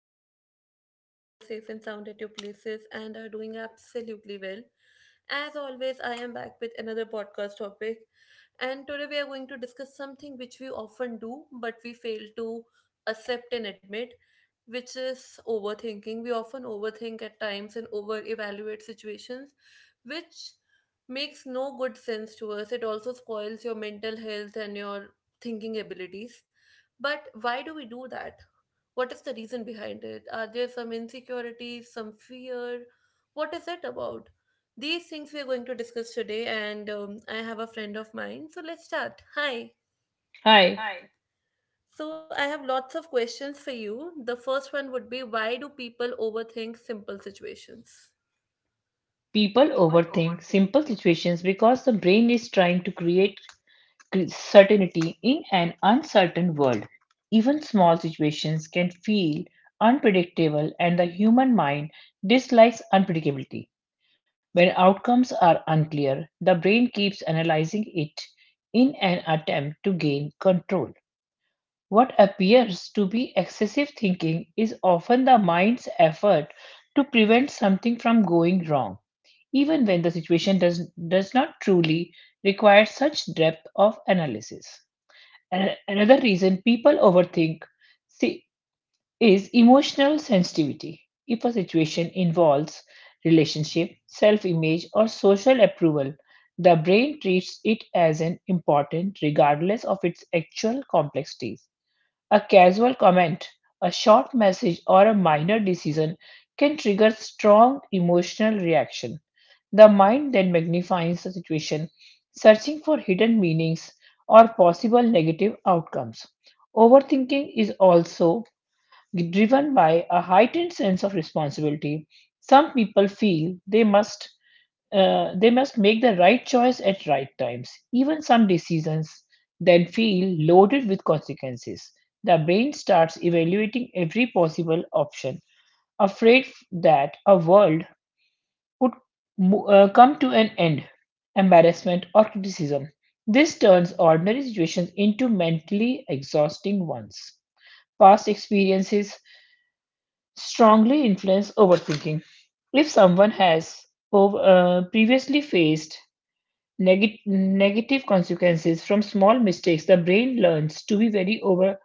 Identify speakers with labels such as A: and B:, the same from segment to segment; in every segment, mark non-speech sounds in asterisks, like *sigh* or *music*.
A: everyone. I hope you guys are safe and sound at your places and are doing absolutely well. As always, I am back with another podcast topic, and today we are going to discuss something which we often do but we fail to accept and admit, which is overthinking. We often overthink at times and over evaluate situations, which makes no good sense to us. It also spoils your mental health and your thinking abilities. But why do we do that? What is the reason behind it? Are there some insecurities, some fear? What is it about? These things we are going to discuss today, and I have a friend of mine. So let's start. Hi.
B: Hi,
A: Hi. So I have lots of questions for you. The first one would be, why do people overthink simple situations?
B: people
A: People.
B: overthink simple situations because the brain is trying to create certainty in an uncertain world. Even small situations can feel unpredictable, and the human mind dislikes unpredictability. When outcomes are unclear, the brain keeps analyzing it in an attempt to gain control. What appears to be excessive thinking is often the mind's effort to prevent something from going wrong, even when the situation does not truly require such depth of analysis. Another reason people overthink si- is emotional sensitivity. If a situation involves relationship, self image, or social approval, the brain treats it as an important regardless of its actual complexities. A casual comment, a short message, or a minor decision can trigger strong emotional reaction. The mind then magnifies the situation, searching for hidden meanings or possible negative outcomes. Overthinking is also driven by a heightened sense of responsibility. Some people feel they must make the right choice at right times. Even some decisions then feel loaded with consequences. The brain starts evaluating every possible option, afraid that a world could come to an end, embarrassment, or criticism. This turns ordinary situations into mentally exhausting ones. Past experiences strongly influence overthinking. If someone has previously faced negative consequences from small mistakes. The brain learns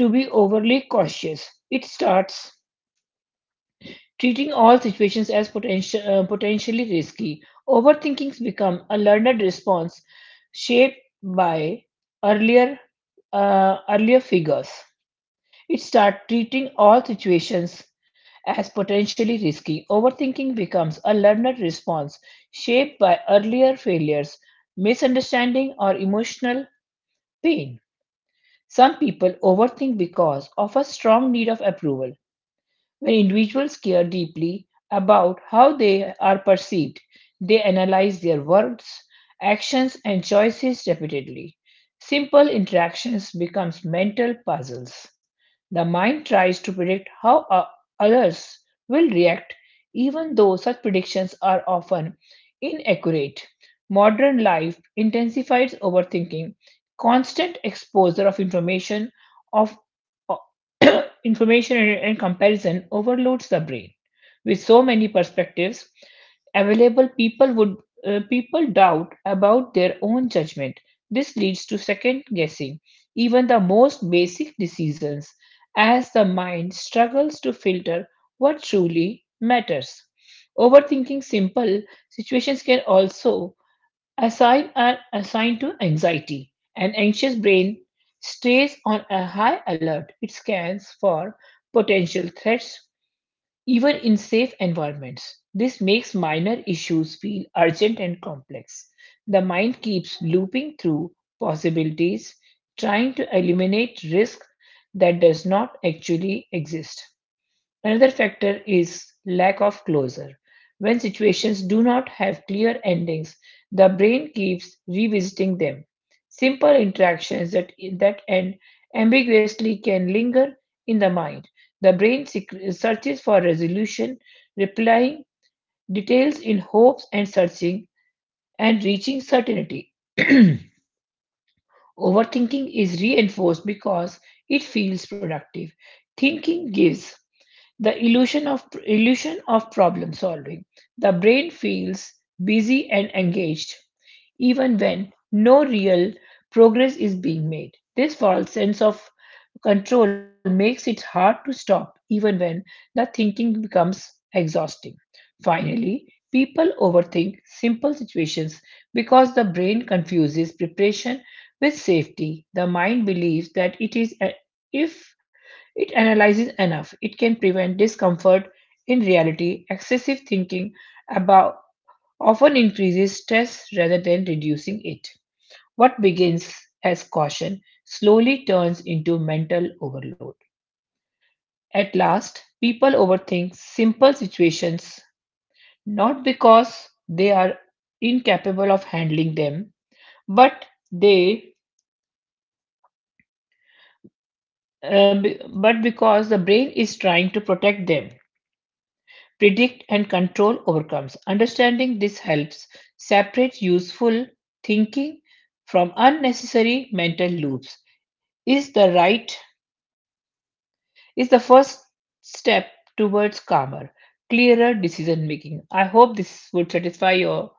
B: to be overly cautious. It starts treating all situations as potentially risky. Overthinkings become a learned response shaped by earlier earlier figures. It starts treating all situations as potentially risky. Overthinking becomes a learned response shaped by earlier failures, misunderstanding, or emotional pain. Some people overthink because of a strong need of approval. When individuals care deeply about how they are perceived, they analyze their words, actions, and choices repeatedly. Simple interactions become mental puzzles. The mind tries to predict how others will react, even though such predictions are often inaccurate. Modern life intensifies overthinking. Constant exposure of information of *coughs* *clears throat* Information and comparison overloads the brain. With so many perspectives available, people doubt about their own judgment. This leads to second guessing even the most basic decisions as the mind struggles to filter what truly matters. Overthinking simple situations can also Aside are assigned to anxiety. An anxious brain stays on a high alert. It scans for potential threats even in safe environments. This makes minor issues feel urgent and complex. The mind keeps looping through possibilities, trying to eliminate risk that does not actually exist. Another factor is lack of closure. When situations do not have clear endings, the brain keeps revisiting them. Simple interactions that end ambiguously can linger in the mind. The brain searches for resolution, replying details in hopes and searching and reaching certainty. *clears throat* Overthinking is reinforced because it feels productive. Thinking gives the illusion of problem solving. The brain feels busy and engaged even when no real progress is being made. This false sense of control makes it hard to stop even when the thinking becomes exhausting. Finally, people overthink simple situations because the brain confuses preparation with safety. The mind believes that if it analyzes enough, it can prevent discomfort. In reality, excessive thinking about often increases stress rather than reducing it. What begins as caution slowly turns into mental overload. At last, people overthink simple situations not because they are incapable of handling them, but they but because the brain is trying to protect them. Predict and control overcomes. Understanding this helps separate useful thinking from unnecessary mental loops is the right is the first step towards calmer, clearer decision making. I hope this would satisfy your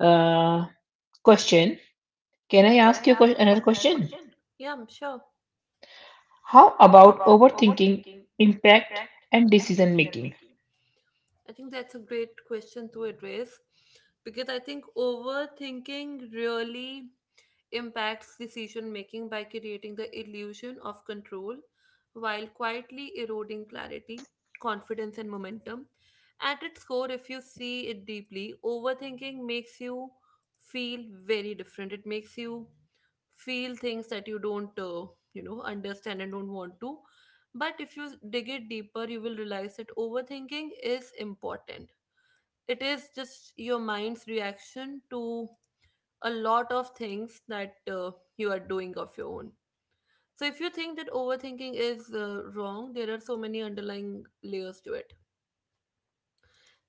B: uh, question. Can
A: Can
B: I
A: I
B: ask
A: ask
B: you
A: you
B: another
A: another question?
B: question?
A: Yeah, I'm sure.
B: How
A: How
B: about
A: about overthinking
B: overthinking
A: impact
B: impact and
A: and decision
B: decision
A: making?
B: making?
A: I think that's a great question to address, because I think overthinking really impacts decision making by creating the illusion of control while quietly eroding clarity, confidence, and momentum. At its core, if you see it deeply, overthinking makes you feel very different. It makes you feel things that you don't, you know, understand and don't want to. But if you dig it deeper, you will realize that overthinking is important. It is just your mind's reaction to a lot of things that you are doing of your own. So if you think that overthinking is wrong, there are so many underlying layers to it.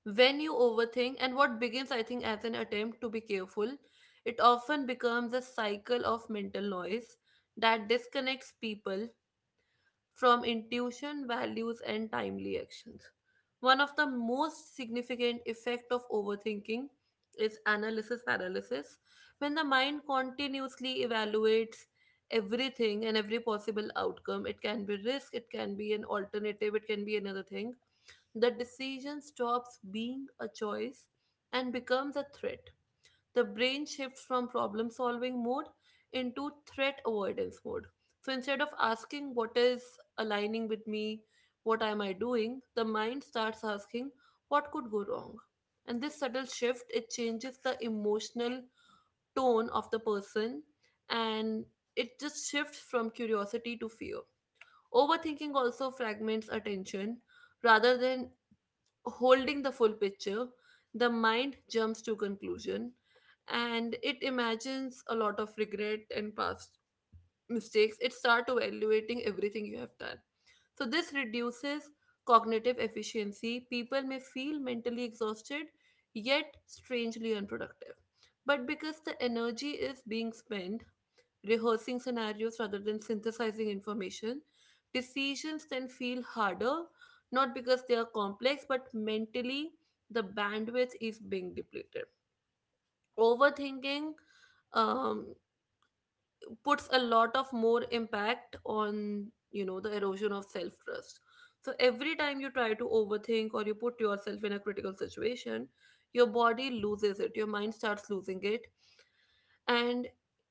A: When you overthink, and what begins, I think, as an attempt to be careful, it often becomes a cycle of mental noise that disconnects people from intuition, values, and timely actions. One of the most significant effect of overthinking is analysis paralysis. When the mind continuously evaluates everything and every possible outcome, it can be risk, it can be an alternative, it can be another thing. The decision stops being a choice and becomes a threat. The brain shifts from problem solving mode into threat avoidance mode. So instead of asking what is aligning with me, what am I doing, the mind starts asking what could go wrong. And this subtle shift, it changes the emotional tone of the person, and it just shifts from curiosity to fear. Overthinking also fragments attention. Rather than holding the full picture, the mind jumps to conclusion and it imagines a lot of regret and past mistakes. It starts evaluating everything you have done. So this reduces cognitive efficiency. People may feel mentally exhausted yet strangely unproductive. But because the energy is being spent rehearsing scenarios rather than synthesizing information. Decisions then feel harder, not because they are complex, but mentally the bandwidth is being depleted. Overthinking um, puts a lot of more impact on, you know, the erosion of self trust. So every time you try to overthink or you put yourself in a critical situation, your body loses it, your mind starts losing it, and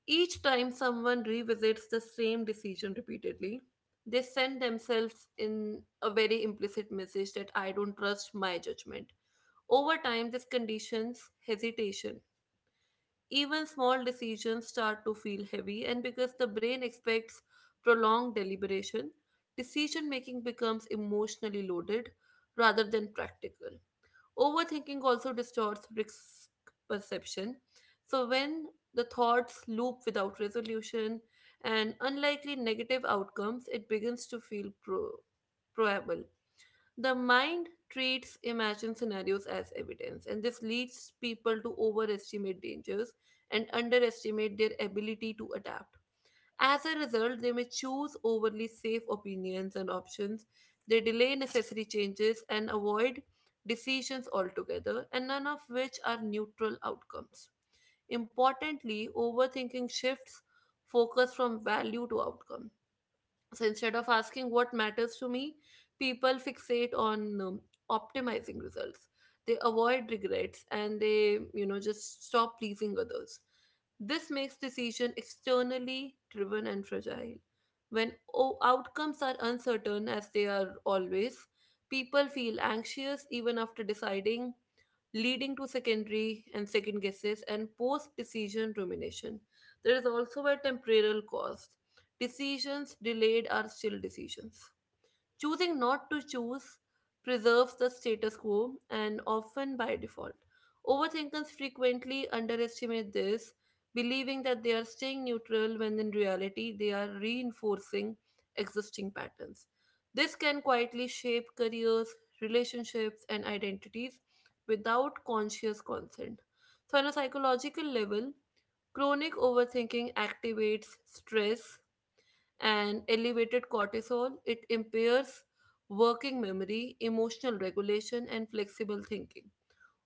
A: each time someone revisits the same decision repeatedly, they send themselves in a very implicit message that I don't trust my judgment. Over time, this conditions hesitation. Even small decisions start to feel heavy, and because the brain expects prolonged deliberation, decision making becomes emotionally loaded rather than practical. Overthinking also distorts risk perception. So, when the thoughts loop without resolution and unlikely negative outcomes, it begins to feel probable. The mind treats imagined scenarios as evidence, and this leads people to overestimate dangers and underestimate their ability to adapt. As a result, they may choose overly safe opinions and options, they delay necessary changes and avoid decisions altogether, and none of which are neutral outcomes. Importantly, overthinking shifts focus from value to outcome. So instead of asking what matters to me, people fixate on optimizing results. They avoid regrets and they, you know, just stop pleasing others. This makes decision externally driven and fragile. When outcomes are uncertain as they are always, people feel anxious even after deciding, leading to secondary and second guesses and post decision rumination. There is also a temporal cost. Decisions delayed are still decisions. Choosing not to choose preserves the status quo and often by default. Overthinkers frequently underestimate this, believing that they are staying neutral when in reality they are reinforcing existing patterns. This can quietly shape careers, relationships, and identities without conscious consent. So, on a psychological level, chronic overthinking activates stress, and elevated cortisol, it impairs working memory, emotional regulation, and flexible thinking,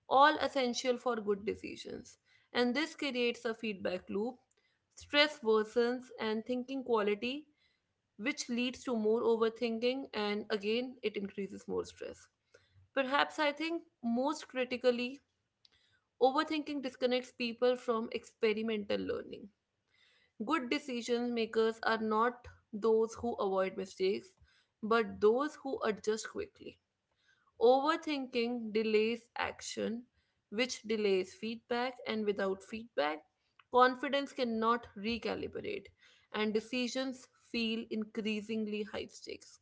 A: all essential for good decisions. And this creates a feedback loop. Stress worsens and thinking quality, which leads to more overthinking, and again, it increases more stress. Perhaps I think most critically, overthinking disconnects people from experimental learning. Good decision makers are not those who avoid mistakes, but those who adjust quickly. Overthinking delays action, which delays feedback, and without feedback, confidence cannot recalibrate, and decisions feel increasingly high stakes.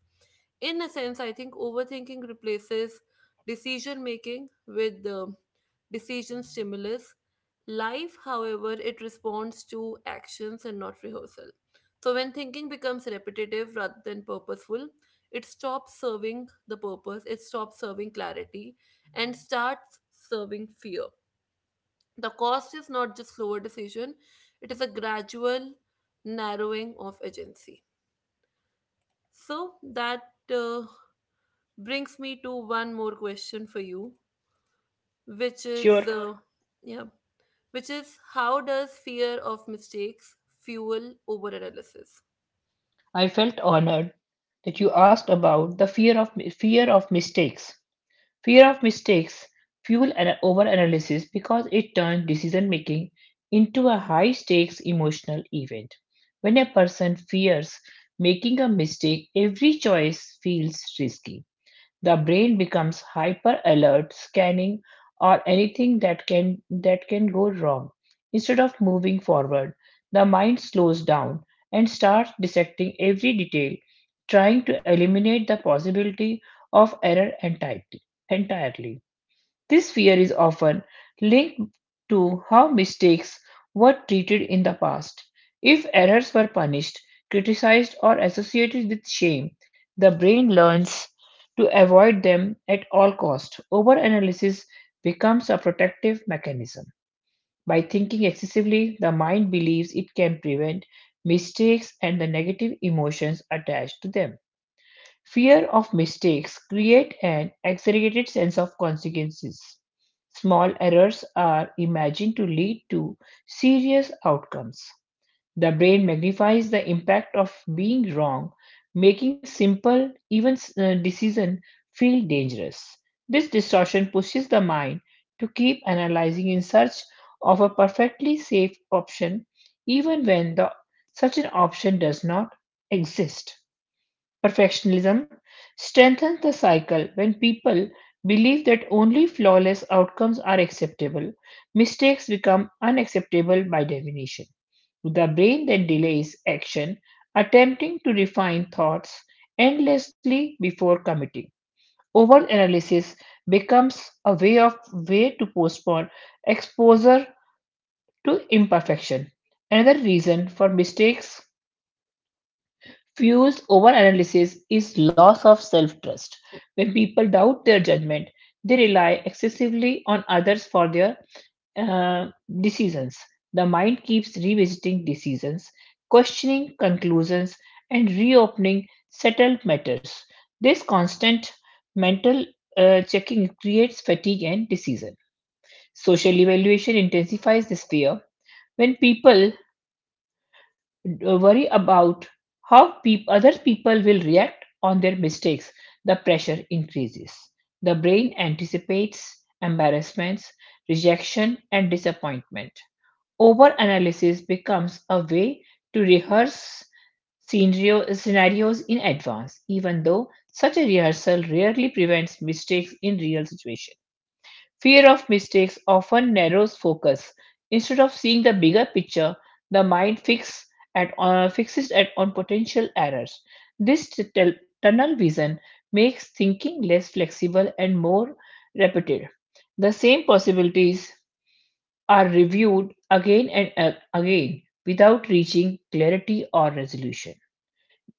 A: In a sense, I think overthinking replaces decision making with the decision stimulus. Life, however, it responds to actions and not rehearsal. So, when thinking becomes repetitive rather than purposeful, it stops serving the purpose, it stops serving clarity, and starts serving fear. The cost is not just slower decision, it is a gradual narrowing of agency. So that uh, brings me to one more question for you, which is,
B: Sure,
A: sure, yeah, which is how does fear of mistakes fuel over analysis?
B: I felt honored that you asked about the fear of mistakes. Fear of mistakes fueled an overanalysis because it turns decision making into a high stakes emotional event. When a person fears making a mistake, every choice feels risky. The brain becomes hyper alert, scanning or anything that can go wrong. Instead of moving forward, the mind slows down and starts dissecting every detail, trying to eliminate the possibility of entirely. This fear is often linked to how mistakes were treated in the past. If errors were punished, criticized, or associated with shame, the brain learns to avoid them at all cost. Overanalysis becomes a protective mechanism. By thinking excessively, the mind believes it can prevent mistakes and the negative emotions attached to them. Fear of mistakes create an exaggerated sense of consequences. Small errors are imagined to lead to serious outcomes. The brain magnifies the impact of being wrong, making simple, decision feel dangerous. This distortion pushes the mind to keep analyzing in search of a perfectly safe option, even when the such an option does not exist. Perfectionism strengthens the cycle when people believe that only flawless outcomes are acceptable. Mistakes become unacceptable by definition. The brain then delays action, attempting to refine thoughts endlessly before committing. Overanalysis becomes a way to postpone exposure to imperfection. Another reason for mistakes fuels overanalysis is loss of self trust. When people doubt their judgment, they rely excessively on others for their uh, decisions. The mind keeps revisiting decisions, questioning conclusions, and reopening settled matters. This constant mental checking creates fatigue and decision. Social evaluation intensifies this fear. When people worry about how other people will react on their mistakes, the pressure increases. The brain anticipates embarrassments, rejection, and disappointment. Overanalysis becomes a way to rehearse scenarios in advance, even though such a rehearsal rarely prevents mistakes in real situations. Fear of mistakes often narrows focus. Instead of seeing the bigger picture, the mind fixes at, on potential errors. This tunnel vision makes thinking less flexible and more repetitive. The same possibilities are reviewed again without reaching clarity or resolution.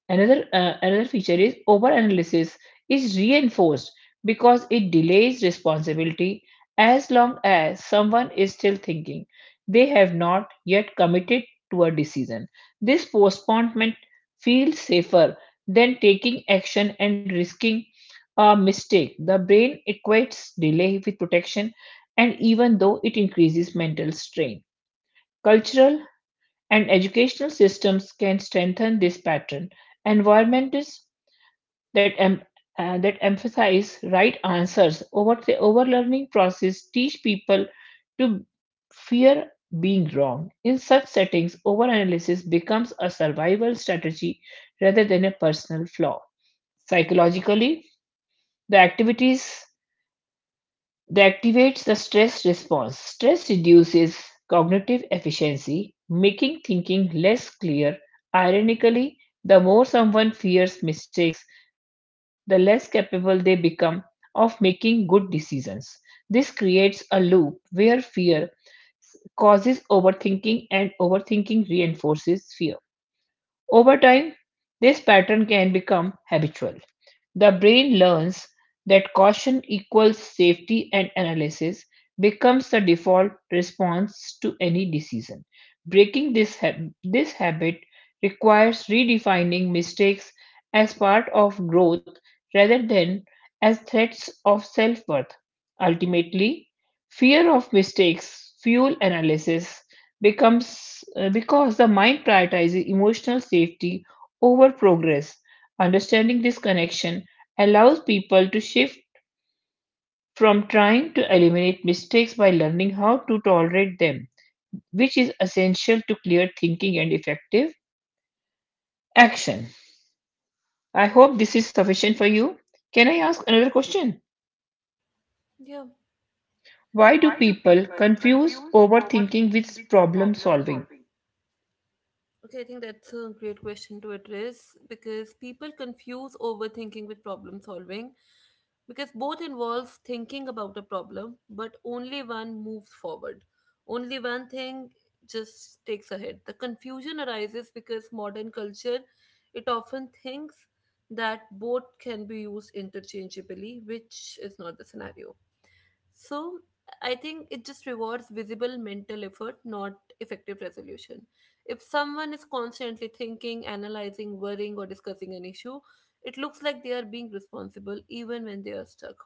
B: Another feature is overanalysis is reinforced because it delays responsibility as long as someone is still thinking they have not yet committed to a decision. This postponement feels safer than taking action and risking a mistake. The brain equates delay with protection, and even though it increases mental strain, cultural and educational systems can strengthen this pattern. Environments that em- that emphasize right answers over the overlearning process teach people to fear being wrong. In such settings, overanalysis becomes a survival strategy rather than a personal flaw. Psychologically, the activities that activates the stress response. Stress reduces cognitive efficiency, making thinking less clear. Ironically, the more someone fears mistakes, the less capable they become of making good decisions. This creates a loop where fear causes overthinking and overthinking reinforces fear. Over time, this pattern can become habitual. The brain learns that caution equals safety and analysis becomes the default response to any decision. Breaking this habit requires redefining mistakes as part of growth rather than as threats of self worth. Ultimately, fear of mistakes fuel analysis becomes because the mind prioritizes emotional safety over progress. Understanding this connection allows people to shift from trying to eliminate mistakes by learning how to tolerate them, which is essential to clear thinking and effective action. I hope this is sufficient for you. Can I ask another question?
A: Yeah.
B: Why do
A: Why do?
B: people confuse overthinking with problem solving?
A: Okay, I think that's a great question to address, because people confuse overthinking with problem solving because both involves thinking about a problem, but only one moves forward. Only one thing just takes ahead. The confusion arises because modern culture, it often thinks that both can be used interchangeably, which is not the scenario. So I think it just rewards visible mental effort, not effective resolution. If someone is constantly thinking, analyzing, worrying, or discussing an issue, it looks like they are being responsible even when they are stuck.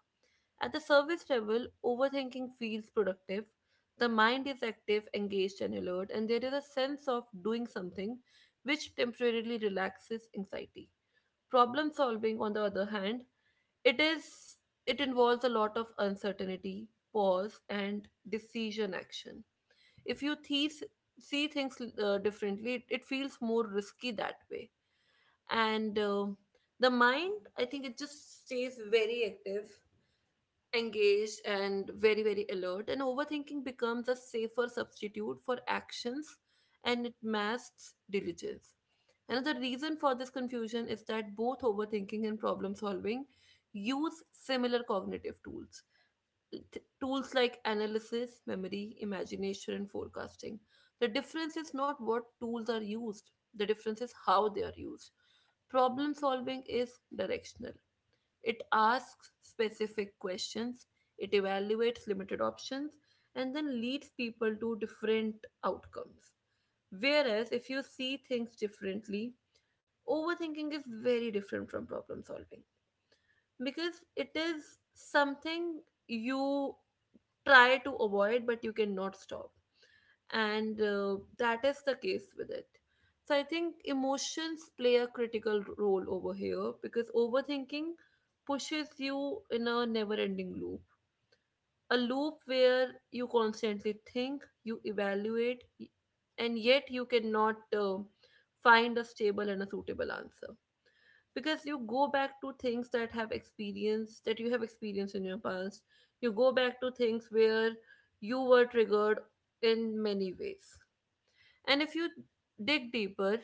A: At the service level, overthinking feels productive. The mind is active, engaged, and alert, and there is a sense of doing something which temporarily relaxes anxiety. Problem solving, on the other hand, it is, it involves a lot of uncertainty, pause, and decision action. If you see things differently, it feels more risky that way. And the mind, I think, it just stays very active, engaged and very alert, and overthinking becomes a safer substitute for actions and it masks diligence. Another reason for this confusion is that both overthinking and problem solving use similar cognitive tools. Tools like analysis, memory, imagination, and forecasting. The difference is not what tools are used, the difference is how they are used. Problem solving is directional. It asks specific questions, it evaluates limited options, and then leads people to different outcomes. Whereas if you see things differently, overthinking is very different from problem solving because it is something you try to avoid but you cannot stop, and that is the case with it. So I think emotions play a critical role over here, because overthinking pushes you in a never ending loop, a loop where you constantly think, you evaluate, and yet you cannot find a stable and a suitable answer, because you go back to things that have experience that you have experienced in your past. You go back to things where you were triggered in many ways, and if you dig deeper,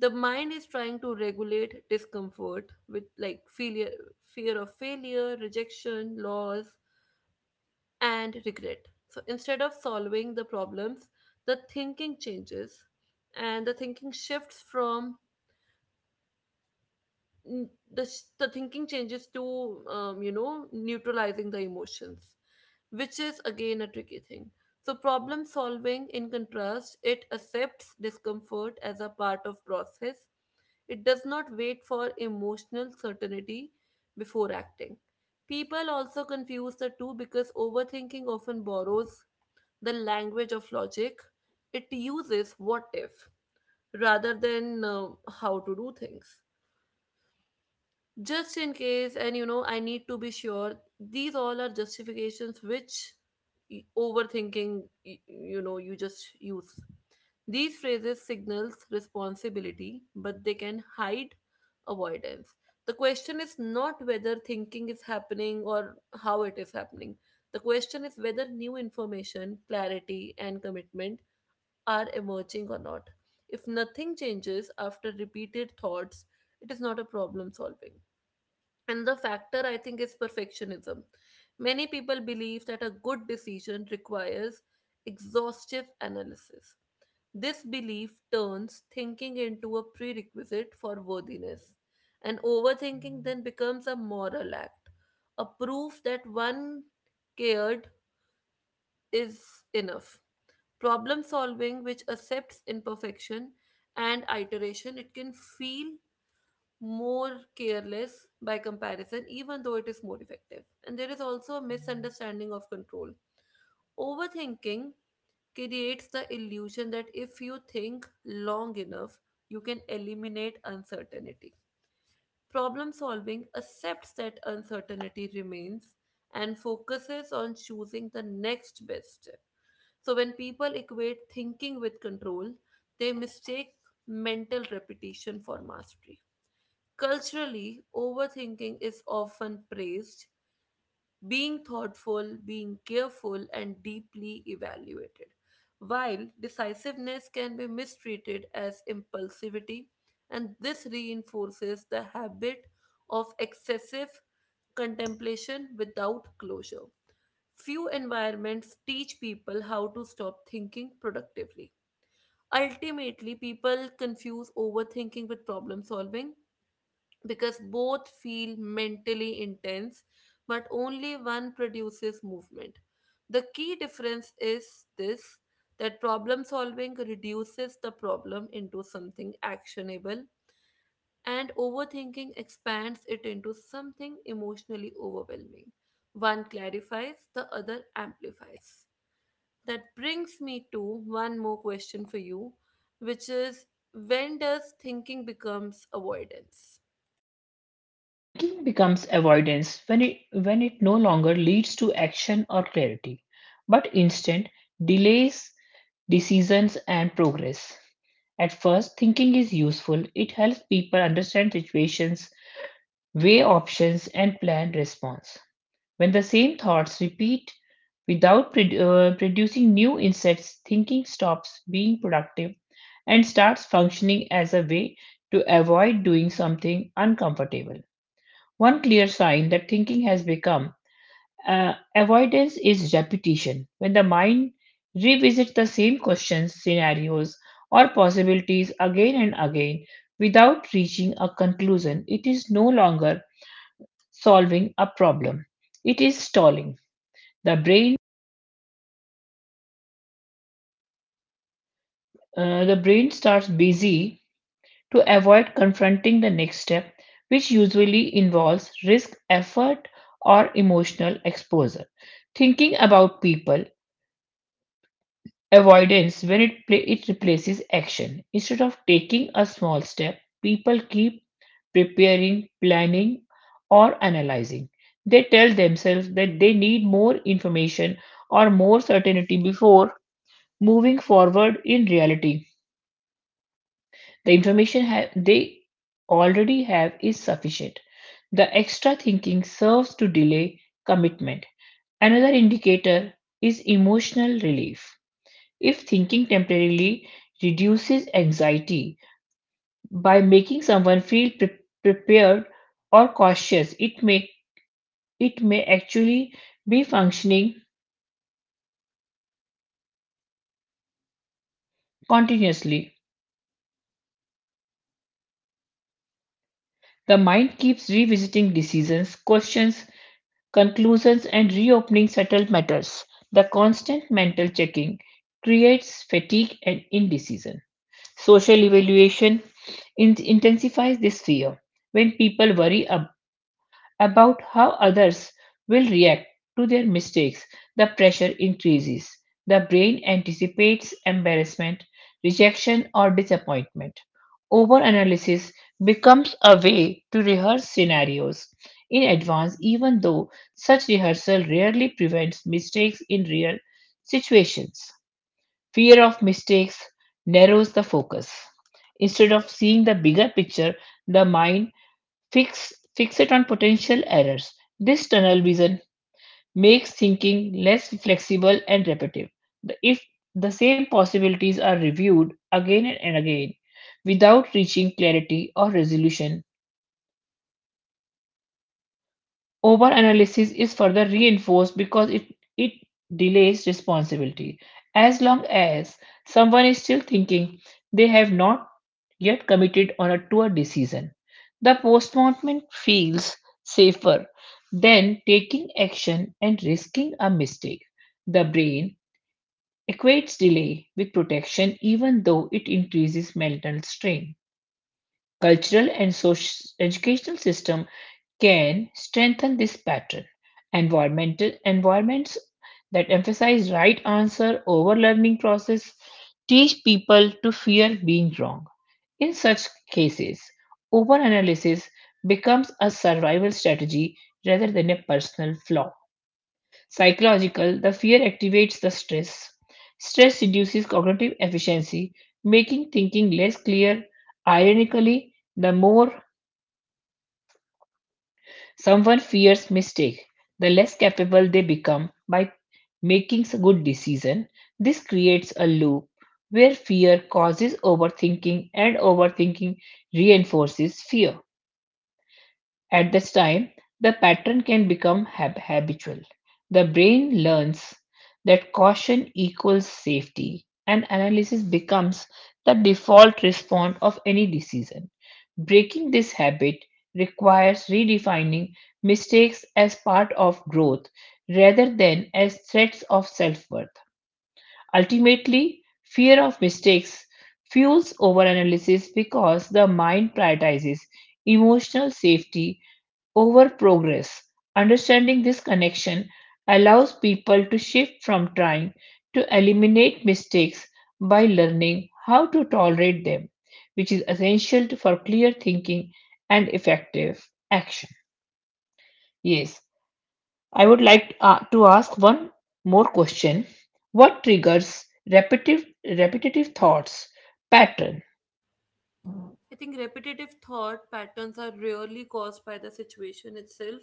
A: the mind is trying to regulate discomfort with like failure, fear of failure, rejection, loss, and regret. So instead of solving the problems, the thinking changes, and the thinking shifts from the thinking changes to you know, neutralizing the emotions, which is again a tricky thing. So problem solving, in contrast, it accepts discomfort as a part of process. It does not wait for emotional certainty before acting. People also confuse the two because overthinking often borrows the language of logic. It uses what if, rather than how to do things, just in case, and you know, I need to be sure. These all are justifications which, overthinking, you know, you just use these phrases. Signals responsibility, but they can hide avoidance. The question is not whether thinking is happening or how it is happening. The question is whether new information, clarity, and commitment are emerging or not. If nothing changes after repeated thoughts, it is not a problem solving. And the factor I think is perfectionism. Many people believe that a good decision requires exhaustive analysis. This belief turns thinking into a prerequisite for worthiness, and overthinking then becomes a moral act, a proof that one cared is enough. Problem solving, which accepts imperfection and iteration, it can feel more careless by comparison, even though it is more effective. And there is also a misunderstanding of control. Overthinking creates the illusion that if you think long enough, you can eliminate uncertainty. Problem solving accepts that uncertainty remains and focuses on choosing the next best step. So, when people equate thinking with control, they mistake mental repetition for mastery. Culturally, overthinking is often praised, being thoughtful, being careful, and deeply evaluated, while decisiveness can be mistreated as impulsivity, and this reinforces the habit of excessive contemplation without closure. Few environments teach people how to stop thinking productively. Ultimately, people confuse overthinking with problem solving because both feel mentally intense, but only one produces movement. The key difference is this that problem solving reduces the problem into something actionable, and overthinking expands it into something emotionally overwhelming. One clarifies, the other amplifies. That brings me to one more question for you, which is when does thinking becomes avoidance?
B: Thinking becomes avoidance when it no longer leads to action or clarity, but instead delays decisions and progress. At first, thinking is useful. It helps people understand situations, weigh options, and plan response. When the same thoughts repeat without producing new insights, thinking stops being productive and starts functioning as a way to avoid doing something uncomfortable. One clear sign that thinking has become avoidance is repetition. When the mind revisits the same questions, scenarios, or possibilities again and again without reaching a conclusion, it is no longer solving a problem. It is stalling. The brain, the brain starts busy to avoid confronting the next step, which usually involves risk, effort, or emotional exposure. Thinking about people Avoidance, when it, pla it replaces action. Instead of taking a small step, people keep preparing, planning, or analyzing. They tell themselves that they need more information or more certainty before moving forward in reality. They already have is sufficient. The extra thinking serves to delay commitment. Another indicator is emotional relief. If thinking temporarily reduces anxiety by making someone feel prepared or cautious, it may actually be functioning continuously. The mind keeps revisiting decisions, questions, conclusions, and reopening settled matters. The constant mental checking creates fatigue and indecision. Social evaluation intensifies this fear. When people worry about how others will react to their mistakes, the pressure increases. The brain anticipates embarrassment, rejection, or disappointment. Overanalysis becomes a way to rehearse scenarios in advance, even though such rehearsal rarely prevents mistakes in real situations. Fear of mistakes narrows the focus. Instead of seeing the bigger picture, the mind Fix fix it on potential errors. This tunnel vision makes thinking less flexible and repetitive. If the same possibilities are reviewed again and again without reaching clarity or resolution, overanalysis is further reinforced because it delays responsibility. As long as someone is still thinking they have not yet committed on a poor decision, the postponement feels safer than taking action and risking a mistake. The brain equates delay with protection even though it increases mental strain. Cultural and social educational system can strengthen this pattern. Environmental environments that emphasize right answer over learning process teach people to fear being wrong. In such cases, overanalysis becomes a survival strategy rather than a personal flaw. Psychological, the fear activates the stress. Stress reduces cognitive efficiency, making thinking less clear. Ironically, the more someone fears mistake. The less capable they become by making a good decision, this creates a loop where fear causes overthinking and overthinking reinforces fear. At this time, the pattern can become habitual. The brain learns that caution equals safety, and analysis becomes the default response of any decision. Breaking this habit requires redefining mistakes as part of growth rather than as threats of self worth. Ultimately, fear of mistakes fuels overanalysis because the mind prioritizes emotional safety over progress. Understanding this connection allows people to shift from trying to eliminate mistakes by learning how to tolerate them, which is essential for clear thinking and effective action. Yes, I would like to ask one more question. What triggers repetitive repetitive thoughts pattern
A: I think repetitive thought patterns are rarely caused by the situation itself.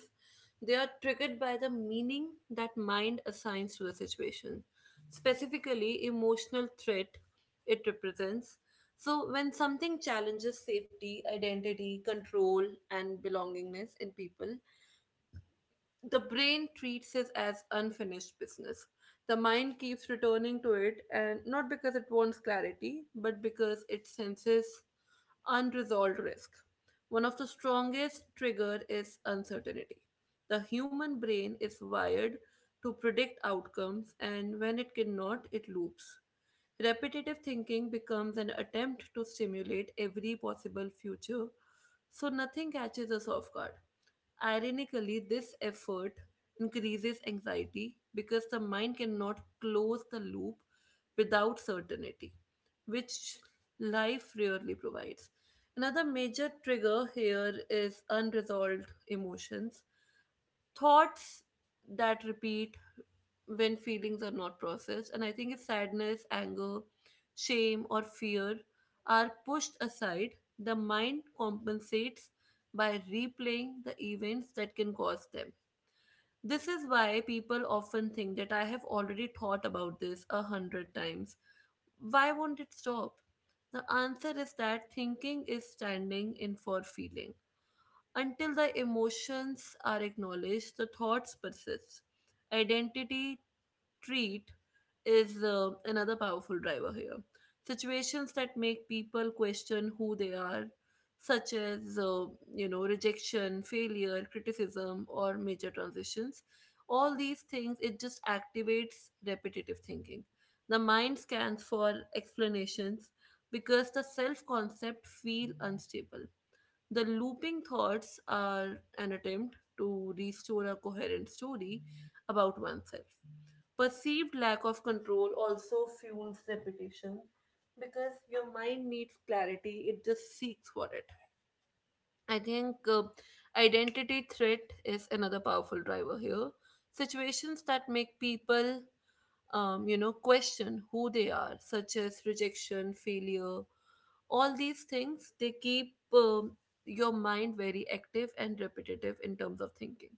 A: They are triggered by the meaning that mind assigns to the situation, specifically emotional threat it represents. So, when something challenges safety, identity, control, and belongingness in people, the brain treats it as unfinished business. The mind keeps returning to it, and not because it wants clarity, but because it senses unresolved risk. One of the strongest triggers is uncertainty. The human brain is wired to predict outcomes, and when it cannot, it loops. Repetitive thinking becomes an attempt to stimulate every possible future, so nothing catches us off guard. Ironically, this effort increases anxiety because the mind cannot close the loop without certainty, which life rarely provides. Another major trigger here is unresolved emotions thoughts that repeat when feelings are not processed. And I think if sadness, anger, shame, or fear are pushed aside, the mind compensates by replaying the events that can cause them. This is why people often think that I have already thought about this a hundred times. Why won't it stop? The answer is that thinking is standing in for feeling. Until the emotions are acknowledged, the thoughts persist. Identity treat is another powerful driver here. Situations that make people question who they are, such as you know rejection, failure, criticism, or major transitions, all these things it just activates repetitive thinking. The mind scans for explanations because the self concept feel unstable. The looping thoughts are an attempt to restore a coherent story about oneself. Perceived lack of control also fuels repetition because your mind needs clarity, it just seeks for it. I think identity threat is another powerful driver here. Situations that make people you know, question who they are, such as rejection, failure, all these things they keep your mind very active and repetitive in terms of thinking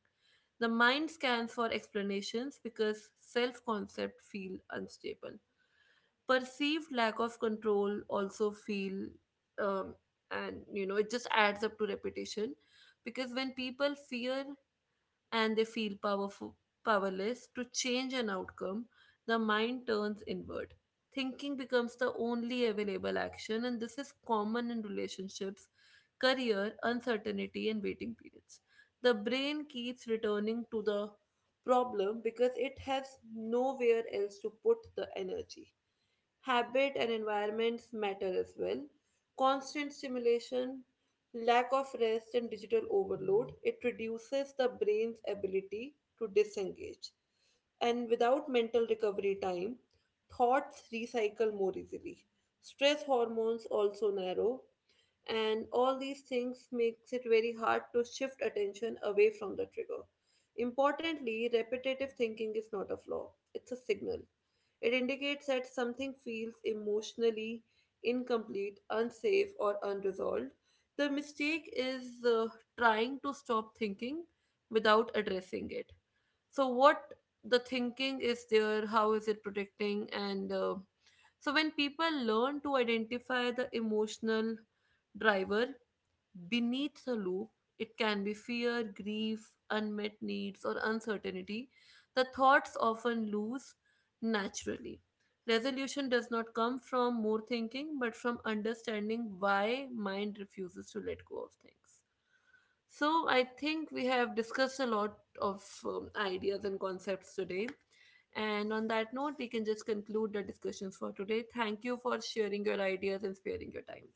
A: the mind scans for explanations because self concept feel unstable perceived lack of control also feel um, and you know it just adds up to repetition because when people fear and they feel powerless to change an outcome, the mind turns inward. Thinking becomes the only available action, and this is common in relationships, career, uncertainty, and waiting periods. The brain keeps returning to the problem because it has nowhere else to put the energy. Habit and environments matter as well. Constant stimulation, lack of rest, and digital overload, it reduces the brain's ability to disengage. And without mental recovery time, thoughts recycle more easily. Stress hormones also narrow, and all these things makes it very hard to shift attention away from the trigger. Importantly, repetitive thinking is not a flaw, it's a signal. It indicates that something feels emotionally incomplete, unsafe, or unresolved. The mistake is trying to stop thinking without addressing it. So, what the thinking is there, how is it protecting, and so when people learn to identify the emotional driver, beneath the loop, it can be fear, grief, unmet needs, or uncertainty. The thoughts often lose naturally. Resolution does not come from more thinking, but from understanding why mind refuses to let go of things. So, I think we have discussed a lot of ideas and concepts today. And on that note, we can just conclude the discussions for today. Thank you for sharing your ideas and sparing your time.